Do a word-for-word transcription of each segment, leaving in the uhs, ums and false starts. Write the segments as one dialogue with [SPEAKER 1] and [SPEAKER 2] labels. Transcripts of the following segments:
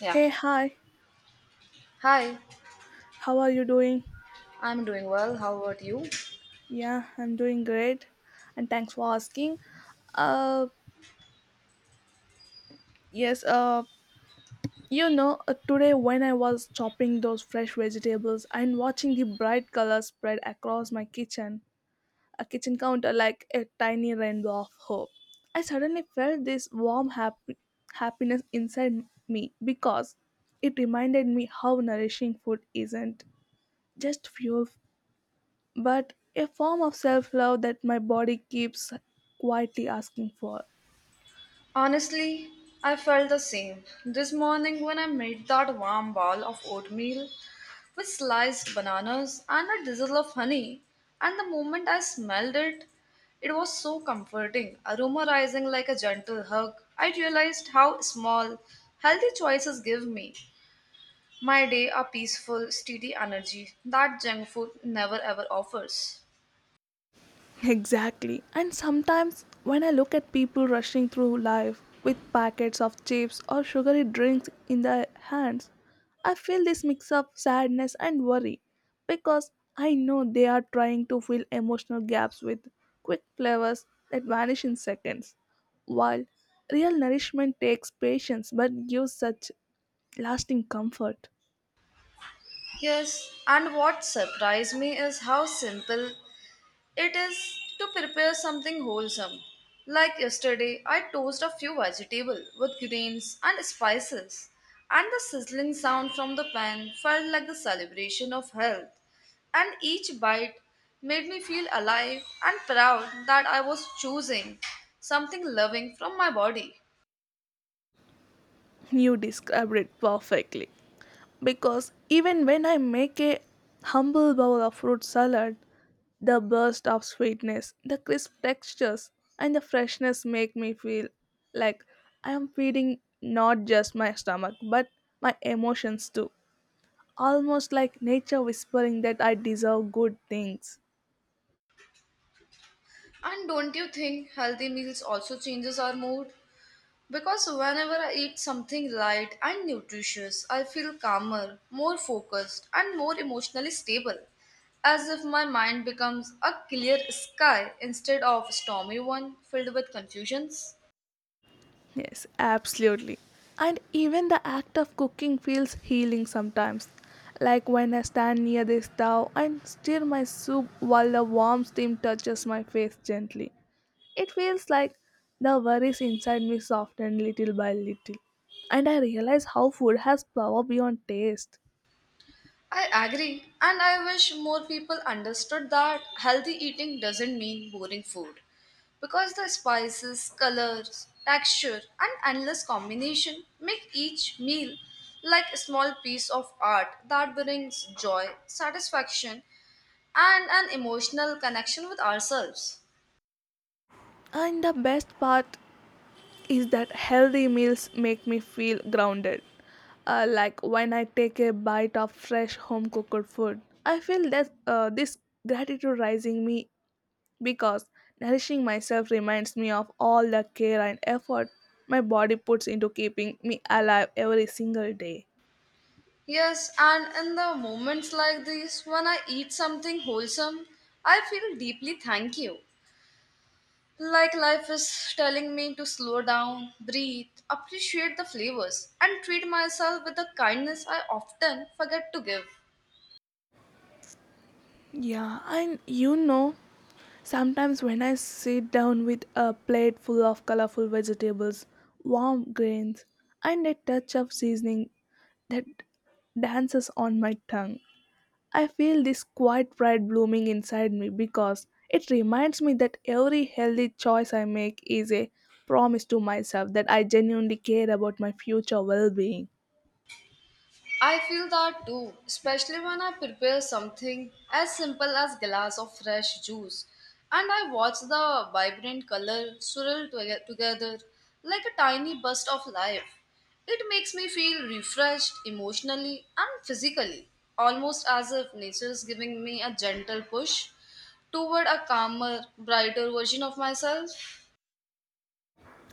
[SPEAKER 1] Yeah.
[SPEAKER 2] Hey, hi,
[SPEAKER 1] Hi,
[SPEAKER 2] how are you doing?
[SPEAKER 1] I'm doing well. How about you?
[SPEAKER 2] Yeah, I'm doing great, and thanks for asking. Uh, yes, uh, you know, uh, today when I was chopping those fresh vegetables and watching the bright colors spread across my kitchen, a kitchen counter like a tiny rainbow of hope, I suddenly felt this warm happy- happiness inside me because it reminded me how nourishing food isn't just fuel but a form of self love that my body keeps quietly asking for.
[SPEAKER 1] Honestly, I felt the same. This morning, when I made that warm bowl of oatmeal with sliced bananas and a drizzle of honey, and the moment I smelled it, it was so comforting, aroma rising like a gentle hug. I realized how small, healthy choices give me. My day a peaceful, steady energy that junk food never ever offers.
[SPEAKER 2] Exactly. And sometimes when I look at people rushing through life with packets of chips or sugary drinks in their hands, I feel this mix of sadness and worry because I know they are trying to fill emotional gaps with quick flavors that vanish in seconds. While real nourishment takes patience but gives such lasting comfort.
[SPEAKER 1] Yes, and what surprised me is how simple it is to prepare something wholesome. Like yesterday, I toasted a few vegetables with grains and spices, and the sizzling sound from the pan felt like the celebration of health. And each bite made me feel alive and proud that I was choosing something loving from my body.
[SPEAKER 2] You described it perfectly. Because even when I make a humble bowl of fruit salad, the burst of sweetness, the crisp textures, and the freshness make me feel like I am feeding not just my stomach but my emotions too. Almost like nature whispering that I deserve good things.
[SPEAKER 1] And don't you think healthy meals also changes our mood? Because whenever I eat something light and nutritious, I feel calmer, more focused, and more emotionally stable, as if my mind becomes a clear sky instead of a stormy one filled with confusions.
[SPEAKER 2] Yes, absolutely. And even the act of cooking feels healing sometimes. Like when I stand near the stove and stir my soup while the warm steam touches my face gently. It feels like the worries inside me soften little by little. And I realize how food has power beyond taste.
[SPEAKER 1] I agree, and I wish more people understood that healthy eating doesn't mean boring food. Because the spices, colors, texture, and endless combination make each meal like a small piece of art that brings joy, satisfaction, and an emotional connection with ourselves.
[SPEAKER 2] And the best part is that healthy meals make me feel grounded. Uh, like when I take a bite of fresh home cooked food, I feel that uh, this gratitude rising me because nourishing myself reminds me of all the care and effort my body puts into keeping me alive every single day.
[SPEAKER 1] Yes, and in the moments like these, when I eat something wholesome, I feel deeply thank you. Like life is telling me to slow down, breathe, appreciate the flavors, and treat myself with the kindness I often forget to give.
[SPEAKER 2] Yeah, and you know, sometimes when I sit down with a plate full of colorful vegetables, warm grains, and a touch of seasoning that dances on my tongue. I feel this quiet pride blooming inside me because it reminds me that every healthy choice I make is a promise to myself that I genuinely care about my future well being.
[SPEAKER 1] I feel that too, especially when I prepare something as simple as glass of fresh juice and I watch the vibrant color swirl toge- together like a tiny burst of life. It makes me feel refreshed emotionally and physically, almost as if nature is giving me a gentle push toward a calmer, brighter version of myself.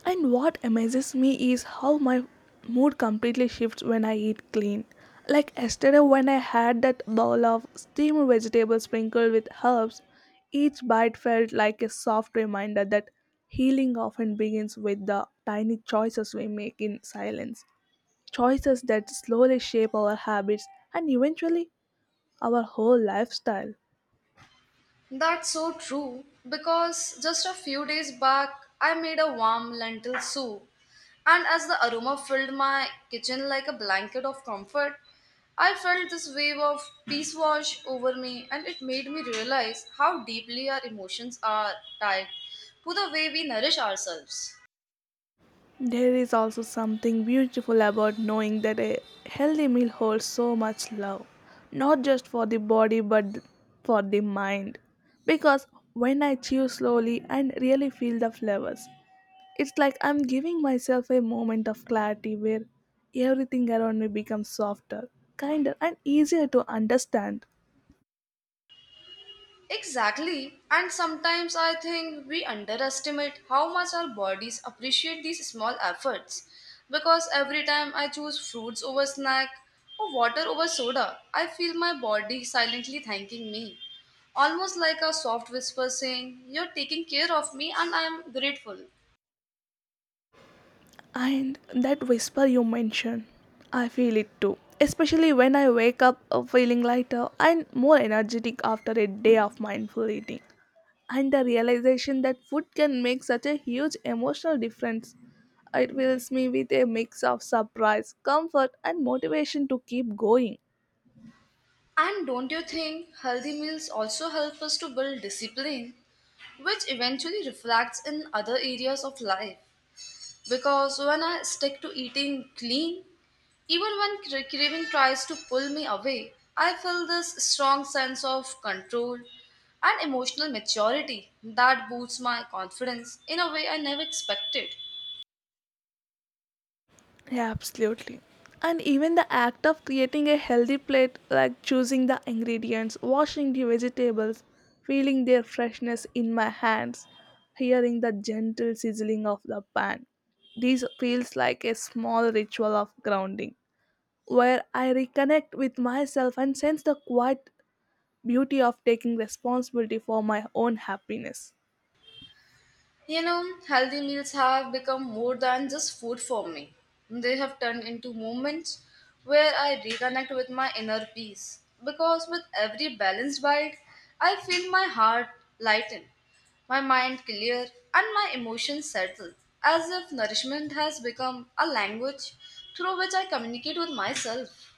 [SPEAKER 2] And what amazes me is how my mood completely shifts when I eat clean. Like yesterday, when I had that bowl of steamed vegetables sprinkled with herbs, each bite felt like a soft reminder that healing often begins with the tiny choices we make in silence. Choices that slowly shape our habits and eventually our whole lifestyle.
[SPEAKER 1] That's so true because just a few days back I made a warm lentil soup, and as the aroma filled my kitchen like a blanket of comfort, I felt this wave of peace wash over me, and it made me realize how deeply our emotions are tied to the way we nourish ourselves.
[SPEAKER 2] There is also something beautiful about knowing that a healthy meal holds so much love, not just for the body but for the mind. Because when I chew slowly and really feel the flavors, it's like I'm giving myself a moment of clarity where everything around me becomes softer, kinder, and easier to understand.
[SPEAKER 1] Exactly, and sometimes I think we underestimate how much our bodies appreciate these small efforts. Because every time I choose fruits over snack or water over soda, I feel my body silently thanking me. Almost like a soft whisper saying, "You're taking care of me and I am grateful."
[SPEAKER 2] And that whisper you mentioned, I feel it too. Especially when I wake up uh, feeling lighter and more energetic after a day of mindful eating. And the realization that food can make such a huge emotional difference. It fills me with a mix of surprise, comfort, and motivation to keep going.
[SPEAKER 1] And don't you think healthy meals also help us to build discipline, which eventually reflects in other areas of life? Because when I stick to eating clean, even when cra- craving tries to pull me away, I feel this strong sense of control and emotional maturity that boosts my confidence in a way I never expected.
[SPEAKER 2] Yeah, absolutely. And even the act of creating a healthy plate, like choosing the ingredients, washing the vegetables, feeling their freshness in my hands, hearing the gentle sizzling of the pan. This feels like a small ritual of grounding, where I reconnect with myself and sense the quiet beauty of taking responsibility for my own happiness.
[SPEAKER 1] You know, healthy meals have become more than just food for me. They have turned into moments where I reconnect with my inner peace. Because with every balanced bite, I feel my heart lighten, my mind clear, and my emotions settle, as if nourishment has become a language through which I communicate with myself.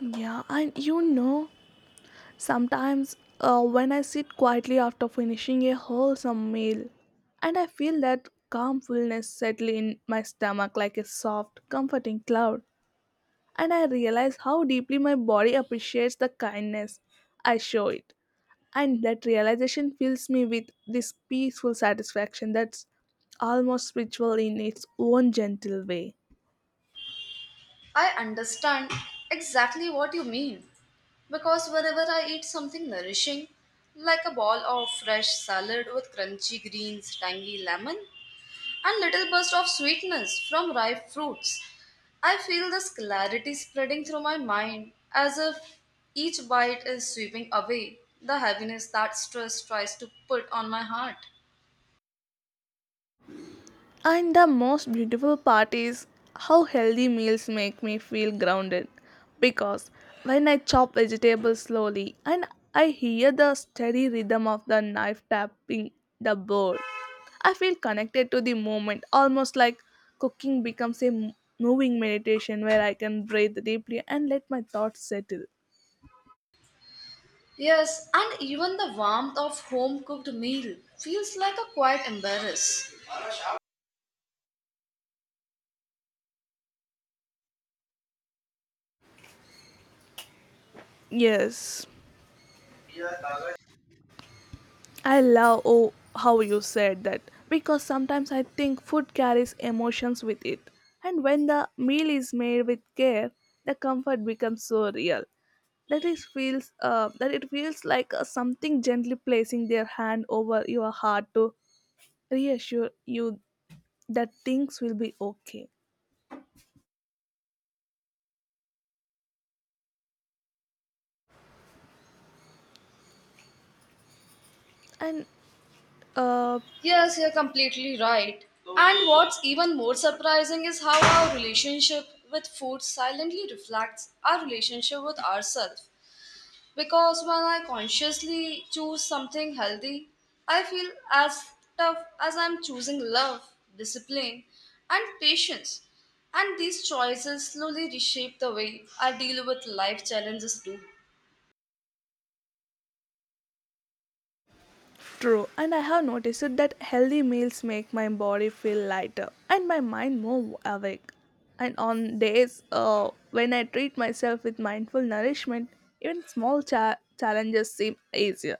[SPEAKER 2] Yeah, and you know, sometimes, uh, when I sit quietly after finishing a wholesome meal, and I feel that calm fullness settle in my stomach like a soft, comforting cloud, and I realize how deeply my body appreciates the kindness I show it. And that realization fills me with this peaceful satisfaction that's almost spiritual in its own gentle way.
[SPEAKER 1] I understand exactly what you mean because whenever I eat something nourishing, like a ball of fresh salad with crunchy greens, tangy lemon, and little burst of sweetness from ripe fruits, I feel this clarity spreading through my mind as if each bite is sweeping away the heaviness that stress tries to put on my heart.
[SPEAKER 2] And the most beautiful part is how healthy meals make me feel grounded because when I chop vegetables slowly and I hear the steady rhythm of the knife tapping the board, I feel connected to the moment, almost like cooking becomes a m- moving meditation where I can breathe deeply and let my thoughts settle.
[SPEAKER 1] Yes, and even the warmth of home cooked meal feels like a quiet embrace.
[SPEAKER 2] Yes, I love oh, how you said that because sometimes I think food carries emotions with it. And when the meal is made with care, the comfort becomes so real. That it feels uh, that it feels like uh, something gently placing their hand over your heart to reassure you that things will be okay. And uh,
[SPEAKER 1] Yes, you're completely right. And what's even more surprising is how our relationship with food silently reflects our relationship with ourselves. Because when I consciously choose something healthy, I feel as tough as I'm choosing love, discipline, and patience. And these choices slowly reshape the way I deal with life challenges too.
[SPEAKER 2] True, and I have noticed that healthy meals make my body feel lighter and my mind more awake. And on days uh, when I treat myself with mindful nourishment, even small cha- challenges seem easier,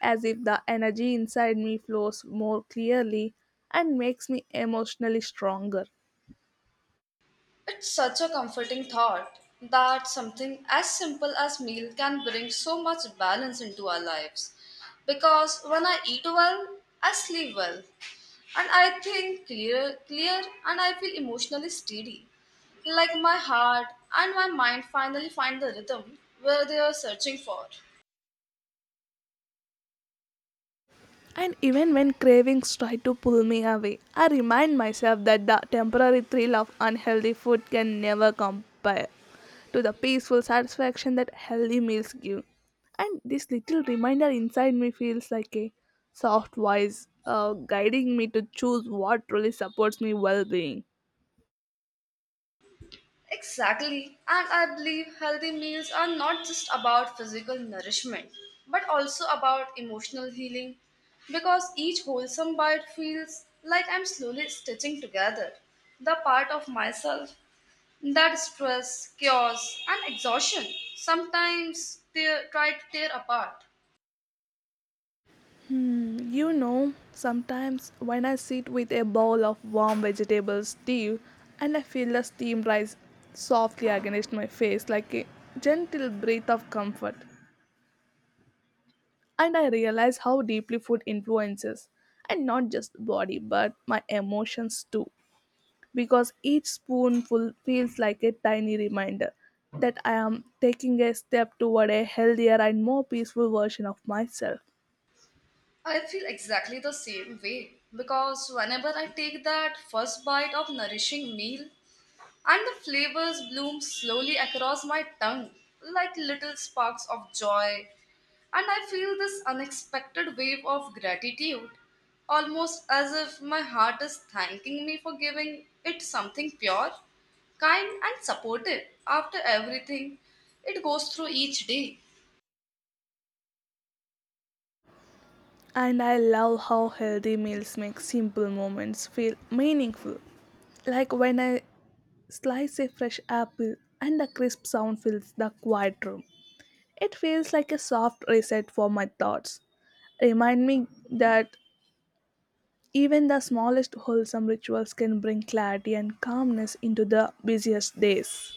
[SPEAKER 2] as if the energy inside me flows more clearly and makes me emotionally stronger.
[SPEAKER 1] It's such a comforting thought that something as simple as meal can bring so much balance into our lives. Because when I eat well, I sleep well, and I think clear, clear, and I feel emotionally steady. Like my heart and my mind finally find the rhythm where they are searching for.
[SPEAKER 2] And even when cravings try to pull me away, I remind myself that the temporary thrill of unhealthy food can never compare to the peaceful satisfaction that healthy meals give. And this little reminder inside me feels like a soft voice uh, guiding me to choose what truly supports my well being.
[SPEAKER 1] Exactly. And I believe healthy meals are not just about physical nourishment, but also about emotional healing because each wholesome bite feels like I'm slowly stitching together the part of myself that stress, chaos, and exhaustion sometimes tear, try to tear apart.
[SPEAKER 2] Mm, you know, sometimes when I sit with a bowl of warm vegetable stew and I feel the steam rise softly against my face like a gentle breath of comfort, and I realize how deeply food influences and not just body but my emotions too because each spoonful feels like a tiny reminder that I am taking a step toward a healthier and more peaceful version of myself.
[SPEAKER 1] I feel exactly the same way because whenever I take that first bite of nourishing meal, and the flavors bloom slowly across my tongue like little sparks of joy. And I feel this unexpected wave of gratitude, almost as if my heart is thanking me for giving it something pure, kind, and supportive after everything it goes through each day.
[SPEAKER 2] And I love how healthy meals make simple moments feel meaningful. Like when I slice a fresh apple and the crisp sound fills the quiet room. It feels like a soft reset for my thoughts. Remind me that even the smallest wholesome rituals can bring clarity and calmness into the busiest days.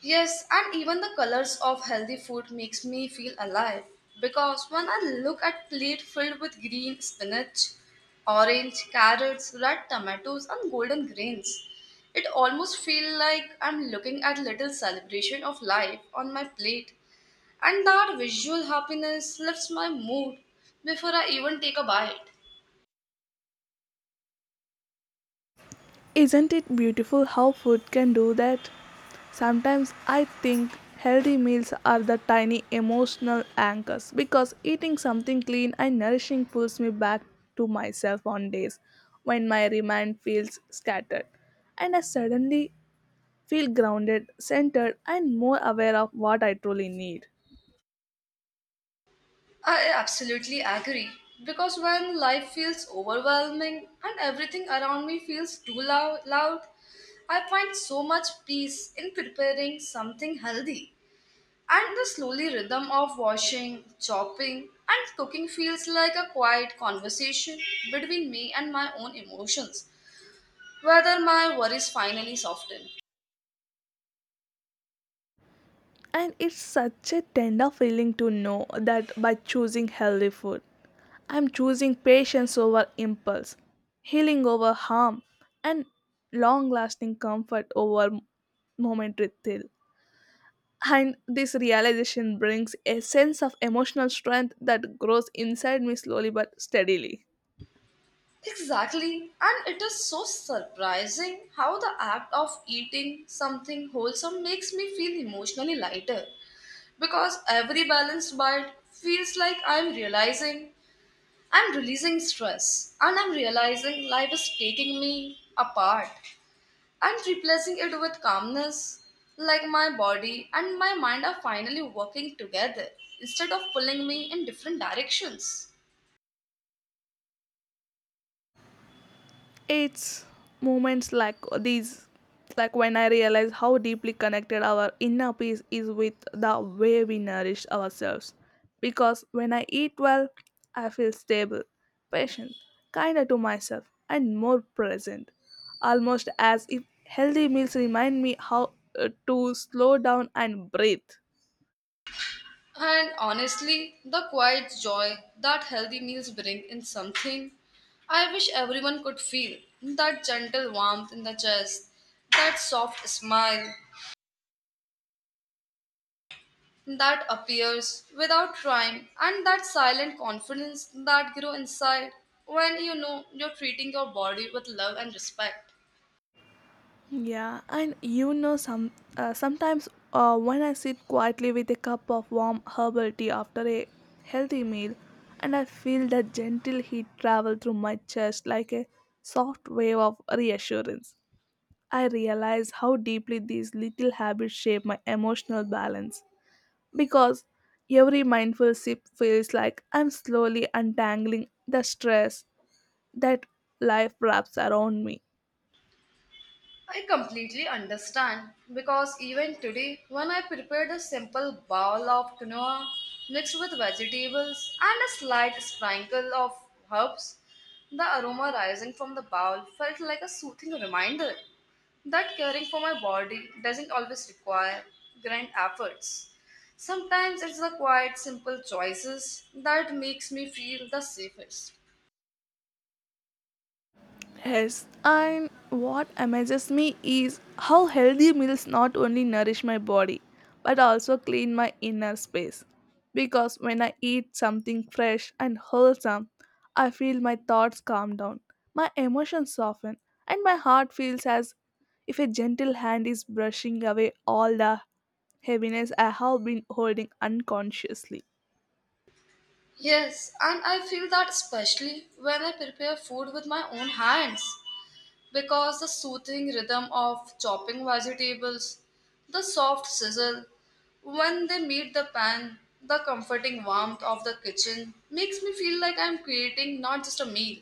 [SPEAKER 1] Yes, and even the colors of healthy food makes me feel alive because when I look at plate filled with green spinach, orange carrots, red tomatoes and golden grains, it almost feel like I'm looking at little celebration of life on my plate and that visual happiness lifts my mood before I even take a bite.
[SPEAKER 2] Isn't it beautiful how food can do that? Sometimes I think healthy meals are the tiny emotional anchors because eating something clean and nourishing pulls me back to myself on days when my mind feels scattered and I suddenly feel grounded, centered, and more aware of what I truly need.
[SPEAKER 1] I absolutely agree because when life feels overwhelming and everything around me feels too loud, loud, I find so much peace in preparing something healthy. And the slowly rhythm of washing, chopping, and cooking feels like a quiet conversation between me and my own emotions, whether my worries finally soften.
[SPEAKER 2] And it's such a tender feeling to know that by choosing healthy food, I'm choosing patience over impulse, healing over harm, and long lasting comfort over momentary thrill. And this realization brings a sense of emotional strength that grows inside me slowly but steadily.
[SPEAKER 1] Exactly, and it is so surprising how the act of eating something wholesome makes me feel emotionally lighter because every balanced bite feels like I'm realizing I'm releasing stress and I'm realizing life is taking me apart and replacing it with calmness. Like my body and my mind are finally working together instead of pulling me in different directions.
[SPEAKER 2] It's moments like these, like when I realize how deeply connected our inner peace is with the way we nourish ourselves. Because when I eat well, I feel stable, patient, kinder to myself, and more present. Almost as if healthy meals remind me how uh, to slow down and breathe.
[SPEAKER 1] And honestly, the quiet joy that healthy meals bring in something I wish everyone could feel that gentle warmth in the chest, that soft smile, that appears without trying and that silent confidence that grows inside when you know you're treating your body with love and respect.
[SPEAKER 2] Yeah, and you know, some uh, sometimes uh, when I sit quietly with a cup of warm herbal tea after a healthy meal, and I feel that gentle heat travel through my chest like a soft wave of reassurance, I realize how deeply these little habits shape my emotional balance. Because every mindful sip feels like I'm slowly untangling the stress that life wraps around me.
[SPEAKER 1] I completely understand because even today, when I prepared a simple bowl of quinoa mixed with vegetables and a slight sprinkle of herbs, the aroma rising from the bowl felt like a soothing reminder that caring for my body doesn't always require grand efforts. Sometimes it's the quiet, simple choices that makes me feel the safest.
[SPEAKER 2] Yes, and what amazes me is how healthy meals not only nourish my body but also clean my inner space. Because when I eat something fresh and wholesome, I feel my thoughts calm down, my emotions soften, and my heart feels as if a gentle hand is brushing away all the heaviness I have been holding unconsciously.
[SPEAKER 1] Yes, and I feel that especially when I prepare food with my own hands because the soothing rhythm of chopping vegetables, the soft sizzle when they meet the pan, the comforting warmth of the kitchen makes me feel like I'm creating not just a meal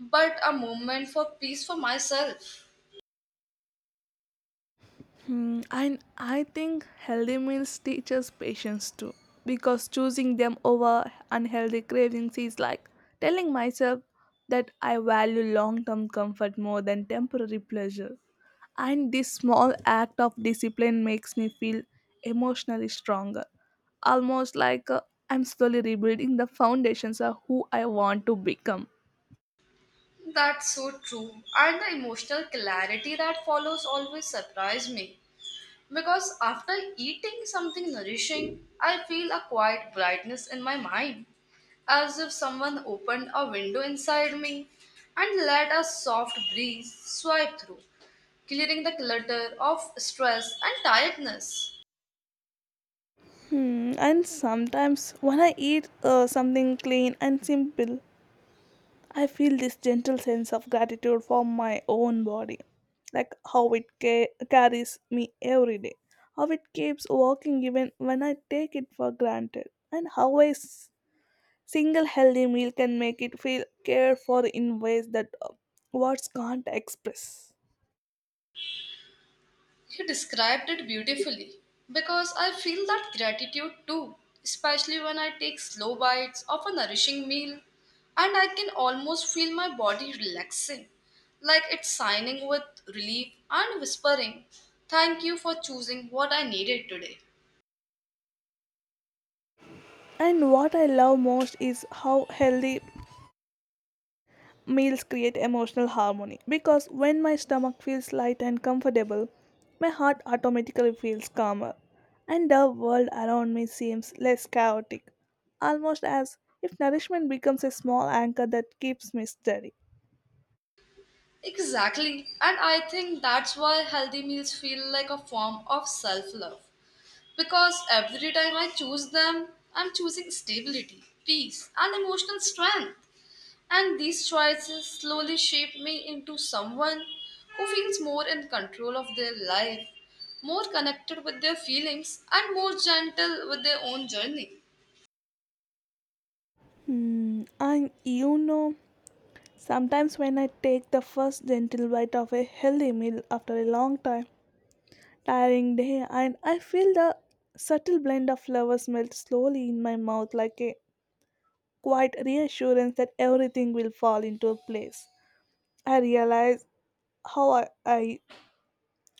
[SPEAKER 1] but a moment for peace for myself.
[SPEAKER 2] Hmm, I I think healthy meals teach us patience too, because choosing them over unhealthy cravings is like telling myself that I value long-term comfort more than temporary pleasure. And this small act of discipline makes me feel emotionally stronger, almost like uh, I'm slowly rebuilding the foundations of who I want to become.
[SPEAKER 1] That's so true. And the emotional clarity that follows always surprised me. Because after eating something nourishing, I feel a quiet brightness in my mind, as if someone opened a window inside me and let a soft breeze swipe through, clearing the clutter of stress and tiredness.
[SPEAKER 2] Hmm, and sometimes when I eat uh, something clean and simple, I feel this gentle sense of gratitude for my own body, like how it ca- carries me every day, how it keeps walking even when I take it for granted, and how a s- single healthy meal can make it feel cared for in ways that uh, words can't express.
[SPEAKER 1] He described it beautifully because I feel that gratitude too, especially when I take slow bites of a nourishing meal and I can almost feel my body relaxing, like it's signing with relief and whispering, "Thank you for choosing what I needed today."
[SPEAKER 2] And what I love most is how healthy meals create emotional harmony because when my stomach feels light and comfortable, my heart automatically feels calmer, and the world around me seems less chaotic, almost as if nourishment becomes a small anchor that keeps me steady.
[SPEAKER 1] Exactly, and I think that's why healthy meals feel like a form of self love. Because every time I choose them, I'm choosing stability, peace, and emotional strength. And these choices slowly shape me into someone who feels more in control of their life, more connected with their feelings, and more gentle with their own journey.
[SPEAKER 2] Hmm, and you know, sometimes when I take the first gentle bite of a healthy meal after a long time, tiring day, and I feel the subtle blend of flavors melt slowly in my mouth like a quiet reassurance that everything will fall into place. I realize how I, I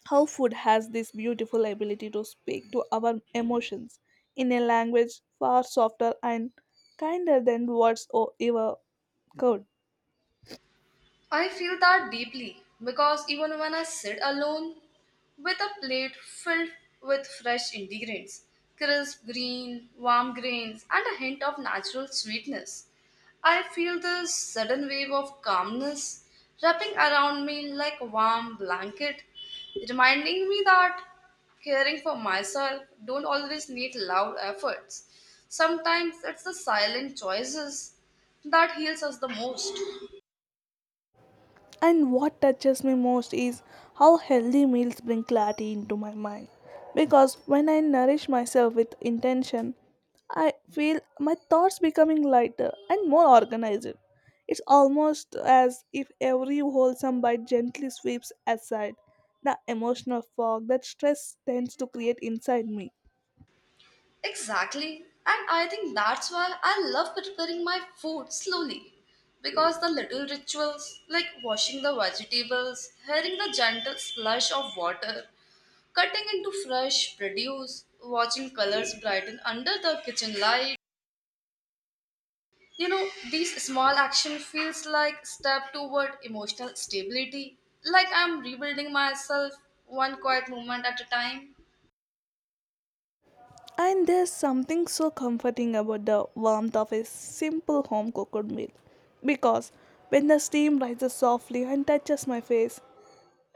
[SPEAKER 2] how food has this beautiful ability to speak to our emotions in a language far softer and kinder than words or ever could.
[SPEAKER 1] I feel that deeply because even when I sit alone with a plate filled with fresh ingredients, crisp green, warm grains, and a hint of natural sweetness, I feel this sudden wave of calmness wrapping around me like a warm blanket, reminding me that caring for myself don't always need loud efforts. Sometimes it's the silent choices that heals us the most.
[SPEAKER 2] And what touches me most is how healthy meals bring clarity into my mind. Because when I nourish myself with intention, I feel my thoughts becoming lighter and more organized. It's almost as if every wholesome bite gently sweeps aside the emotional fog that stress tends to create inside me.
[SPEAKER 1] Exactly. And I think that's why I love preparing my food slowly. Because the little rituals, like washing the vegetables, hearing the gentle slush of water, cutting into fresh produce, watching colors brighten under the kitchen light, you know, these small action feels like step toward emotional stability. Like I'm rebuilding myself one quiet moment at a time.
[SPEAKER 2] And there's something so comforting about the warmth of a simple home cooked meal. Because when the steam rises softly and touches my face,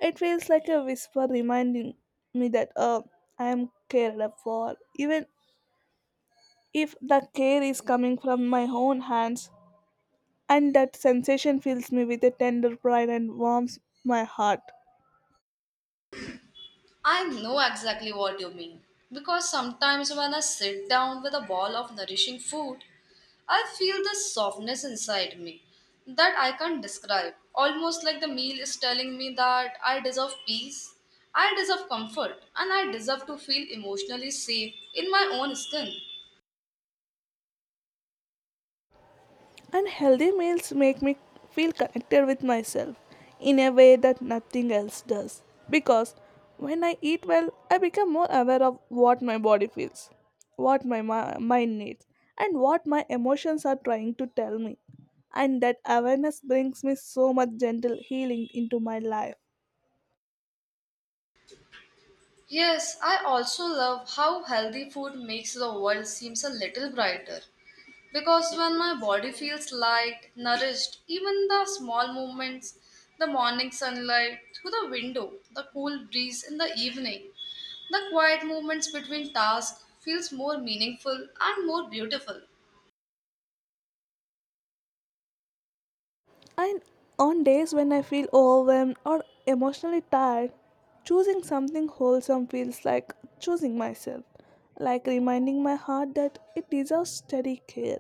[SPEAKER 2] it feels like a whisper reminding me that uh, I am cared up for. Even if the care is coming from my own hands, and that sensation fills me with a tender pride and warms my heart.
[SPEAKER 1] I know exactly what you mean. Because sometimes when I sit down with a bowl of nourishing food, I feel this softness inside me that I can't describe. Almost like the meal is telling me that I deserve peace, I deserve comfort, and I deserve to feel emotionally safe in my own skin.
[SPEAKER 2] And healthy meals make me feel connected with myself in a way that nothing else does. Because when I eat well, I become more aware of what my body feels, what my mi- mind needs, and what my emotions are trying to tell me. And that awareness brings me so much gentle healing into my life.
[SPEAKER 1] Yes, I also love how healthy food makes the world seems a little brighter. Because when my body feels light, nourished, even the small movements, the morning sunlight through the window, the cool breeze in the evening, the quiet movements between tasks feels more meaningful and more beautiful.
[SPEAKER 2] And on days when I feel overwhelmed or emotionally tired, choosing something wholesome feels like choosing myself, like reminding my heart that it deserves steady care,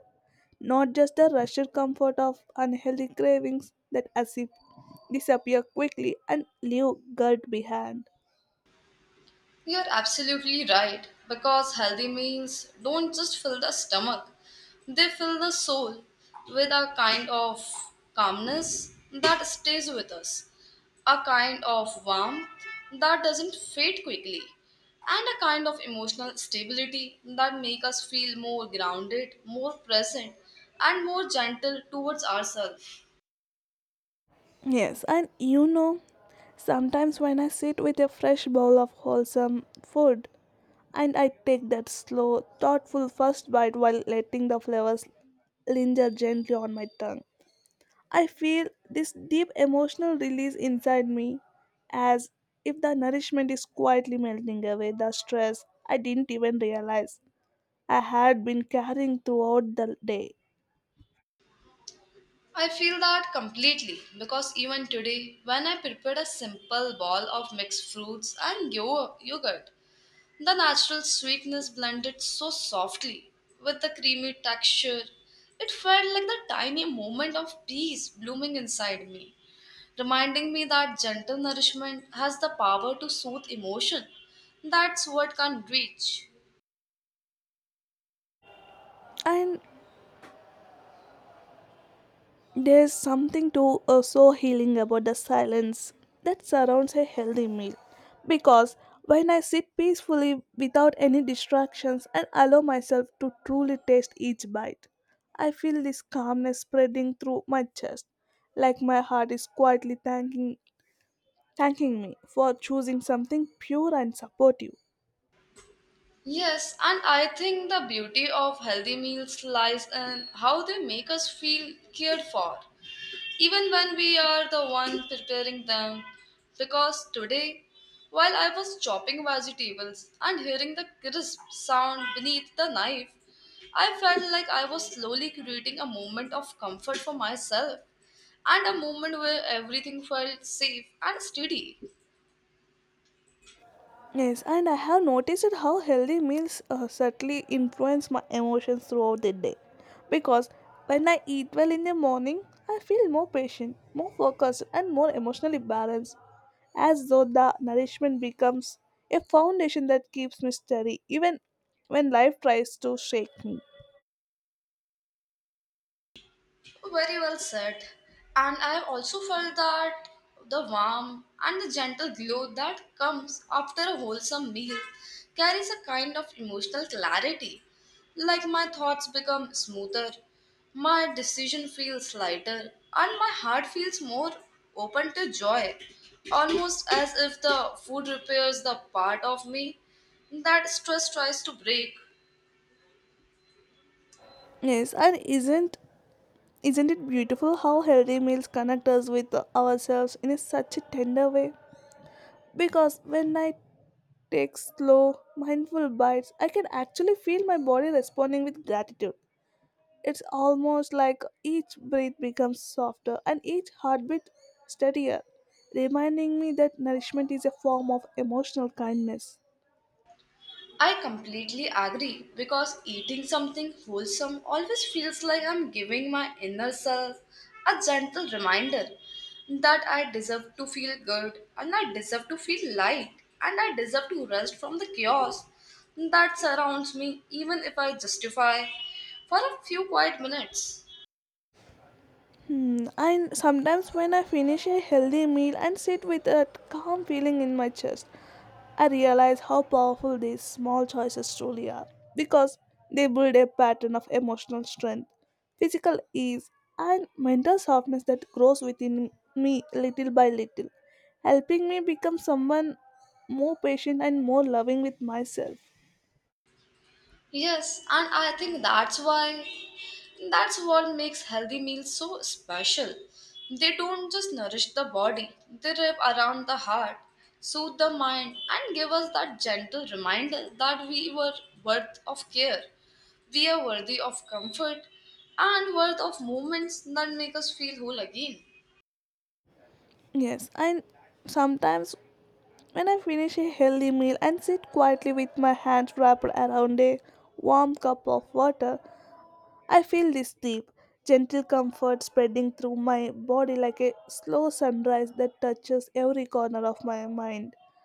[SPEAKER 2] not just the rushed comfort of unhealthy cravings that as if disappear quickly and leave guilt behind.
[SPEAKER 1] You're absolutely right, because healthy meals don't just fill the stomach, they fill the soul with a kind of calmness that stays with us, a kind of warmth that doesn't fade quickly, and a kind of emotional stability that make us feel more grounded, more present, and more gentle towards ourselves.
[SPEAKER 2] Yes, and you know, sometimes when I sit with a fresh bowl of wholesome food, and I take that slow, thoughtful first bite while letting the flavors linger gently on my tongue. I feel this deep emotional release inside me as if the nourishment is quietly melting away the stress I didn't even realize I had been carrying throughout the day.
[SPEAKER 1] I feel that completely because even today, when I prepared a simple bowl of mixed fruits and yo- yogurt, the natural sweetness blended so softly with the creamy texture. It felt like the tiny moment of peace blooming inside me, reminding me that gentle nourishment has the power to soothe emotion. That's what can't reach.
[SPEAKER 2] And there's something to uh, so healing about the silence that surrounds a healthy meal. Because when I sit peacefully without any distractions and allow myself to truly taste each bite, I feel this calmness spreading through my chest, like my heart is quietly thanking thanking me for choosing something pure and supportive.
[SPEAKER 1] Yes, and I think the beauty of healthy meals lies in how they make us feel cared for, even when we are the one preparing them. Because today, while I was chopping vegetables and hearing the crisp sound beneath the knife, I felt like I was slowly creating a moment of comfort for myself and a moment where everything felt safe and steady.
[SPEAKER 2] Yes, and I have noticed how healthy meals uh, subtly influence my emotions throughout the day. Because when I eat well in the morning, I feel more patient, more focused, and more emotionally balanced, as though the nourishment becomes a foundation that keeps me steady even when life tries to shake me.
[SPEAKER 1] Very well said. And I have also felt that the warm and the gentle glow that comes after a wholesome meal carries a kind of emotional clarity. Like my thoughts become smoother, my decision feels lighter, and my heart feels more open to joy. Almost as if the food repairs the part of me that stress tries to break.
[SPEAKER 2] Yes, and isn't isn't it beautiful how healthy meals connect us with ourselves in a such a tender way? Because when I take slow, mindful bites, I can actually feel my body responding with gratitude. It's almost like each breath becomes softer and each heartbeat steadier, reminding me that nourishment is a form of emotional kindness.
[SPEAKER 1] I completely agree because eating something wholesome always feels like I'm giving my inner self a gentle reminder that I deserve to feel good and I deserve to feel light and I deserve to rest from the chaos that surrounds me, even if I justify for a few quiet minutes.
[SPEAKER 2] Mm, and sometimes, when I finish a healthy meal and sit with a calm feeling in my chest, I realize how powerful these small choices truly are, because they build a pattern of emotional strength, physical ease, and mental softness that grows within me little by little, helping me become someone more patient and more loving with myself.
[SPEAKER 1] Yes, and I think that's why that's what makes healthy meals so special. They don't just nourish the body, they wrap around the heart, soothe the mind, and give us that gentle reminder that we were worth of care. We are worthy of comfort and worth of moments that make us feel whole again.
[SPEAKER 2] Yes, and sometimes when I finish a healthy meal and sit quietly with my hands wrapped around a warm cup of water, I feel this deep, gentle comfort spreading through my body like a slow sunrise that touches every corner of my mind.